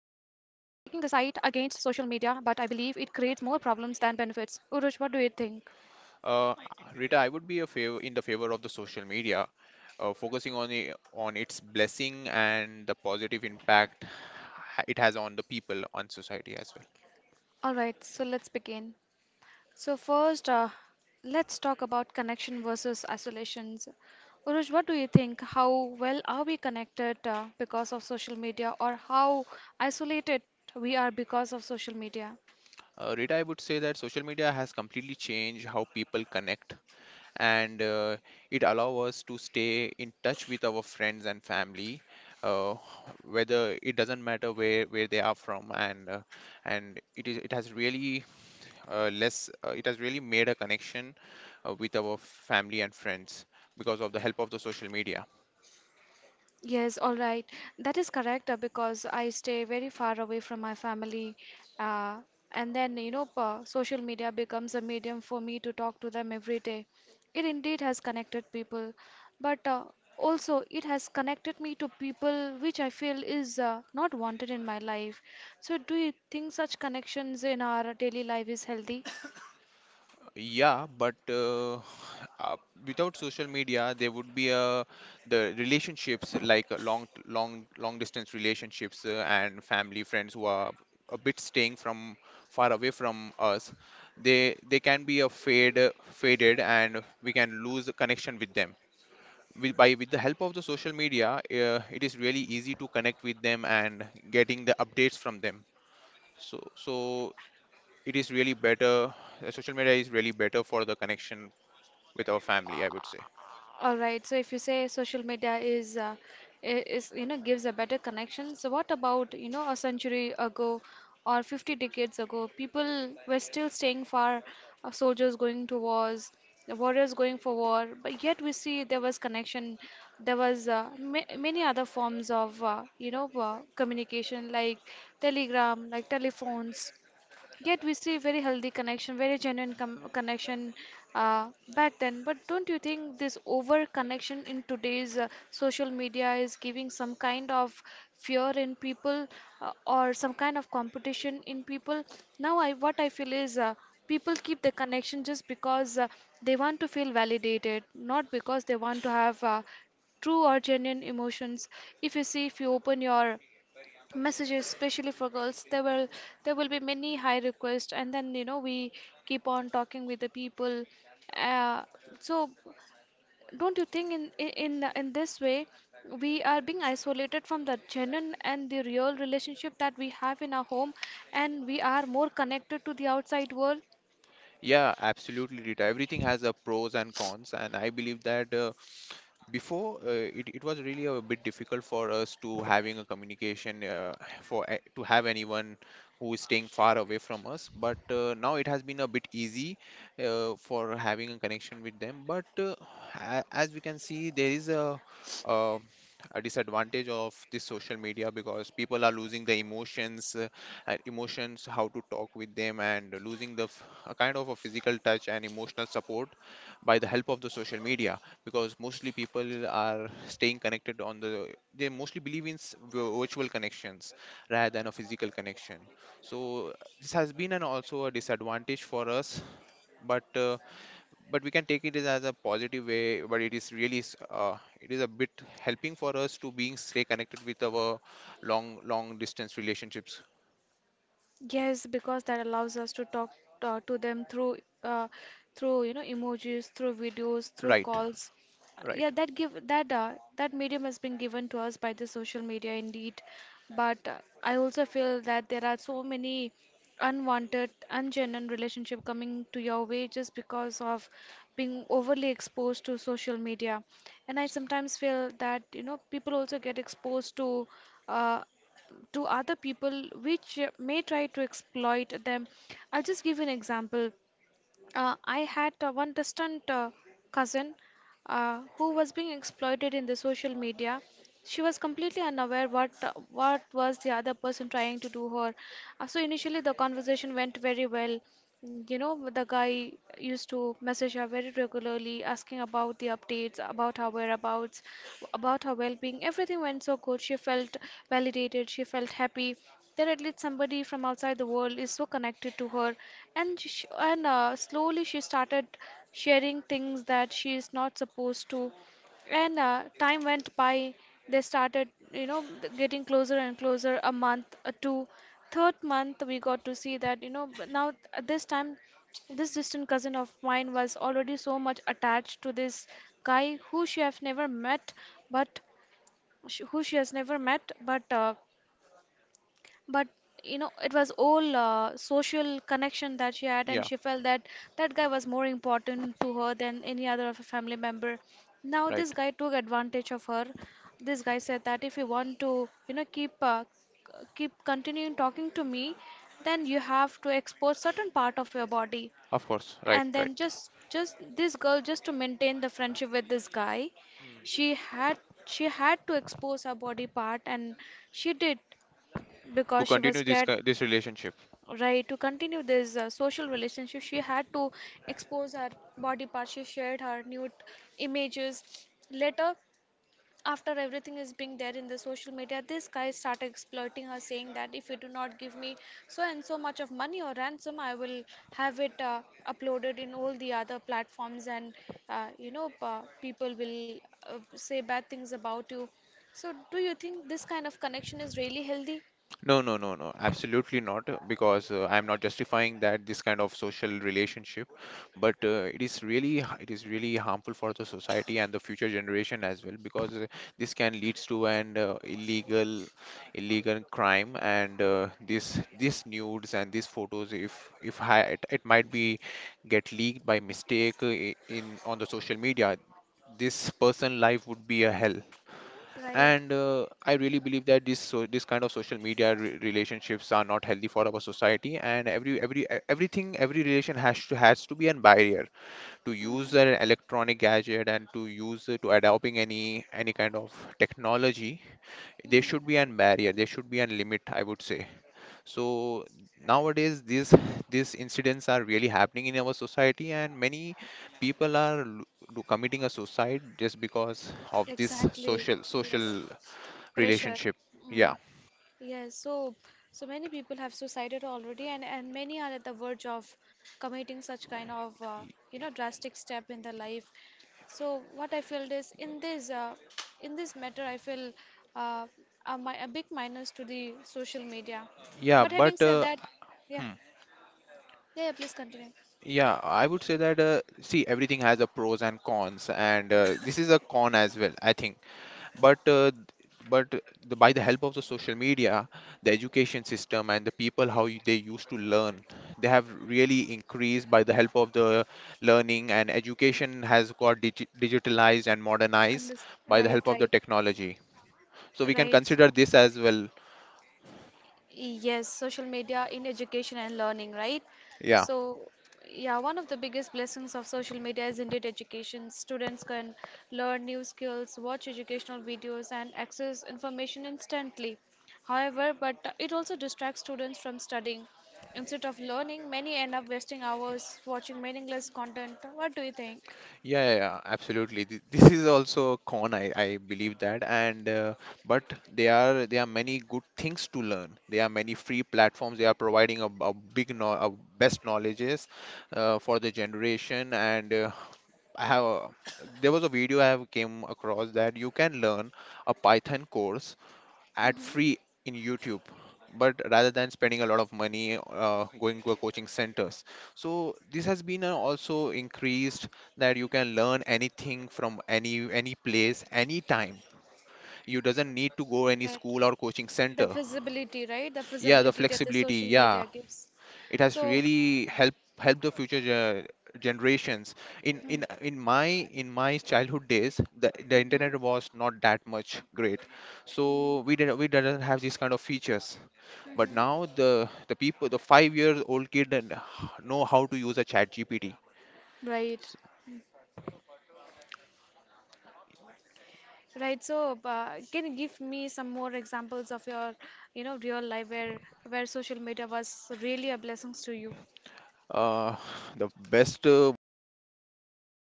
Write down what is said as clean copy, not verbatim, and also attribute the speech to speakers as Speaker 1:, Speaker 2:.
Speaker 1: social media, but I believe it creates more problems than benefits. Uruj, what do you think?
Speaker 2: Uh, Rita, I would be a favor in the favor of the social media, focusing on the, on its blessing and the positive impact it has on the people, on society as
Speaker 1: All right, so let's begin. So first, let's talk about connection versus isolations. Urush, what do you think? How well are we connected because of social media, or how isolated we are because of social media?
Speaker 2: well. Rita, I would say that social media has completely changed how people connect, and it allows us to stay in touch with our friends and family, uh, whether it doesn't matter where they are from. And it has really, less it has really made a connection with our family and friends because of the help of the social media.
Speaker 1: Yes, all right. That is correct because I stay very far away from my family. Uh, and then, social media becomes a medium for me to talk to them every day. It indeed has connected people, but also it has connected me to people which I feel is not wanted in my life. So, do you think such connections in our daily life is healthy?
Speaker 2: Yeah, but uh, without social media, there would be, the relationships like, long, long, long distance relationships, and family friends who are a bit staying from far away from us. They can be a faded, and we can lose the connection with them. With the help of the social media, it is really easy to connect with them and getting the updates from them. So it is really better social media is really better for the connection with our family, I would say.
Speaker 1: All right. So if you say social media is is you know gives a better connection, so what about you know a century ago or 50 decades ago? People were still staying far, soldiers going to wars, the warriors going for war, but yet we see there was connection. There was ma many other forms of you know communication like telegram, like telephones. Yet we see very healthy connection, very genuine connection back then. But don't you think this over connection in today's social media is giving some kind of fear in people or some kind of competition in people? Now, I what I feel is people keep the connection just because they want to feel validated, not because they want to have true or genuine emotions. If you see, if you open your messages, especially for girls, there will be many high requests, and then you know we keep on talking with the people, uh, so don't you think in this way we are being isolated from the genuine and the real relationship that we have in our home, and we are more connected to the outside world?
Speaker 2: Yeah, absolutely, Rita. Everything has a pros and cons, and I believe that, before, it was really a bit difficult for us to having a communication, to have anyone who is staying far away from us. But now it has been a bit easy for having a connection with them. But as we can see, there is a, uh, a disadvantage of this social media because people are losing the emotions, and emotions, how to talk with them, and losing the a kind of a physical touch and emotional support by the help of the social media because mostly people are staying connected on the, they mostly believe in virtual connections rather than a physical connection. So this has been an also a disadvantage for us, but uh, but we can take it as a positive way, but it is really it is a bit helping for us to being stay connected with our long long distance relationships.
Speaker 1: Yes, because that allows us to talk to them through uh, you know emojis, through videos, through
Speaker 2: Right.
Speaker 1: calls. Yeah,
Speaker 2: Right.
Speaker 1: that give that medium has been given to us by the social media indeed. But I also feel that there are so many unwanted, ungenuine relationship coming to your way just because of being overly exposed to social media. And I sometimes feel that you know people also get exposed uh, to other people which may try to exploit them. I'll just give you an example. I had one distant cousin who was being exploited in the social media. She was completely unaware what was the other person trying to do her. So initially the conversation went very well. You know, the guy used to message her very regularly, asking about the updates, about her whereabouts, about her well-being. Everything went so good. She felt validated. She felt happy that at least somebody from outside the world is so connected to her, and sh and slowly she started sharing things that she is not supposed to. And time went by, they started, you know, getting closer and closer. A month, a two, third month, we got to see that, you know, but now at this time this distant cousin of mine was already so much attached to this guy who she have never met, but sh- who she has never met but you know it was all social connection that she had, and
Speaker 2: Yeah.
Speaker 1: she felt that that guy was more important to her than any other of a family member. Now this
Speaker 2: Right,
Speaker 1: guy took advantage of her. This guy said that if you want to you know keep keep continuing talking to me, then you have to expose certain part of your body.
Speaker 2: of course. Right.
Speaker 1: And then just this girl, just to maintain the friendship with this guy,
Speaker 2: Right,
Speaker 1: she had she had to expose her body part, and she did,
Speaker 2: to
Speaker 1: because she was
Speaker 2: continue
Speaker 1: scared,
Speaker 2: this relationship.
Speaker 1: right, to continue this social relationship. She had to expose her body parts. She shared her nude images. Later, after everything is being there in the social media, this guy started exploiting her, saying that if you do not give me so and so much of money or ransom, I will have it uploaded in all the other platforms, and people will say bad things about you. So, do you think this kind of connection is really healthy?
Speaker 2: No, no, no, no, absolutely not, because I'm not justifying that this kind of social relationship, but it is really it is really harmful for the society and the future generation as well because, this can leads to an, illegal crime, and this this nudes and these photos, if I, it might be get leaked by mistake, in on the social media, this person life would be a hell.
Speaker 1: Right.
Speaker 2: And I really believe that this kind of social media relationships are not healthy for our society, and every e- everything every relation has to be a barrier to use
Speaker 1: Mm,
Speaker 2: an electronic gadget, and to use, to adopting any kind of technology. There
Speaker 1: mhm.
Speaker 2: should be a barrier, there should be a limit, I would say. So nowadays these incidents are really happening in our society, and many people are do committing a suicide just because of this
Speaker 1: Exactly.
Speaker 2: social
Speaker 1: Yes.
Speaker 2: social
Speaker 1: Pressure.
Speaker 2: relationship.
Speaker 1: Mm.
Speaker 2: Yeah.
Speaker 1: Yes. So, so many people have suicided already, and many are at the verge of committing such kind of you know drastic step in their life. So, what I feel is in this matter, I feel uh, a big minus to the social media.
Speaker 2: Yeah,
Speaker 1: But
Speaker 2: but
Speaker 1: having said that, yeah,
Speaker 2: hmm,
Speaker 1: yeah, please continue.
Speaker 2: yeah, I would say that, see, everything has a pros and cons, and this is a con as well, I think. But but the, by the help of the social media, the education system, and the people how you, they used to learn, they have really increased by the help of the learning, and education has got digitalized and modernized
Speaker 1: Unders,
Speaker 2: by the help
Speaker 1: right,
Speaker 2: of the
Speaker 1: right,
Speaker 2: technology, so we can
Speaker 1: right.
Speaker 2: consider this as well.
Speaker 1: Yes, social media in education and learning, right?
Speaker 2: Yeah.
Speaker 1: So, yeah, one of the biggest blessings of social media is indeed education. Students can learn new skills, watch educational videos, and access information instantly. However, but it also distracts students from studying. Instead of learning, many end up wasting hours watching meaningless content. What do you think?
Speaker 2: Yeah, yeah, yeah, absolutely. This is also a con, I believe that. And but there are many good things to learn. There are many free platforms. They are providing a big no, a best knowledges for the generation. And I have a, there was a video I have came across that you can learn a Python course ad
Speaker 1: Mm-hmm.
Speaker 2: free in YouTube, but rather than spending a lot of money, going to a coaching centers. So this has been, also increased, that you can learn anything from any place, anytime. You doesn't need to go any
Speaker 1: Right.
Speaker 2: school or coaching
Speaker 1: The
Speaker 2: center.
Speaker 1: visibility, right? The
Speaker 2: Yeah, the
Speaker 1: visibility that the
Speaker 2: flexibility.
Speaker 1: social
Speaker 2: Yeah,
Speaker 1: media gives.
Speaker 2: it has
Speaker 1: So,
Speaker 2: really helped help the future generations in in in my in my childhood days, the internet
Speaker 1: mm-hmm.
Speaker 2: was not that much great, so we didn't have these kind of features. But now
Speaker 1: Mm-hmm.
Speaker 2: the people, the 5 years old kid, and know how to use a chat GPT.
Speaker 1: Right. Right. So, can you give me some more examples of your, you know, real life where social media was really a blessings to you?
Speaker 2: Uh, the best, one of the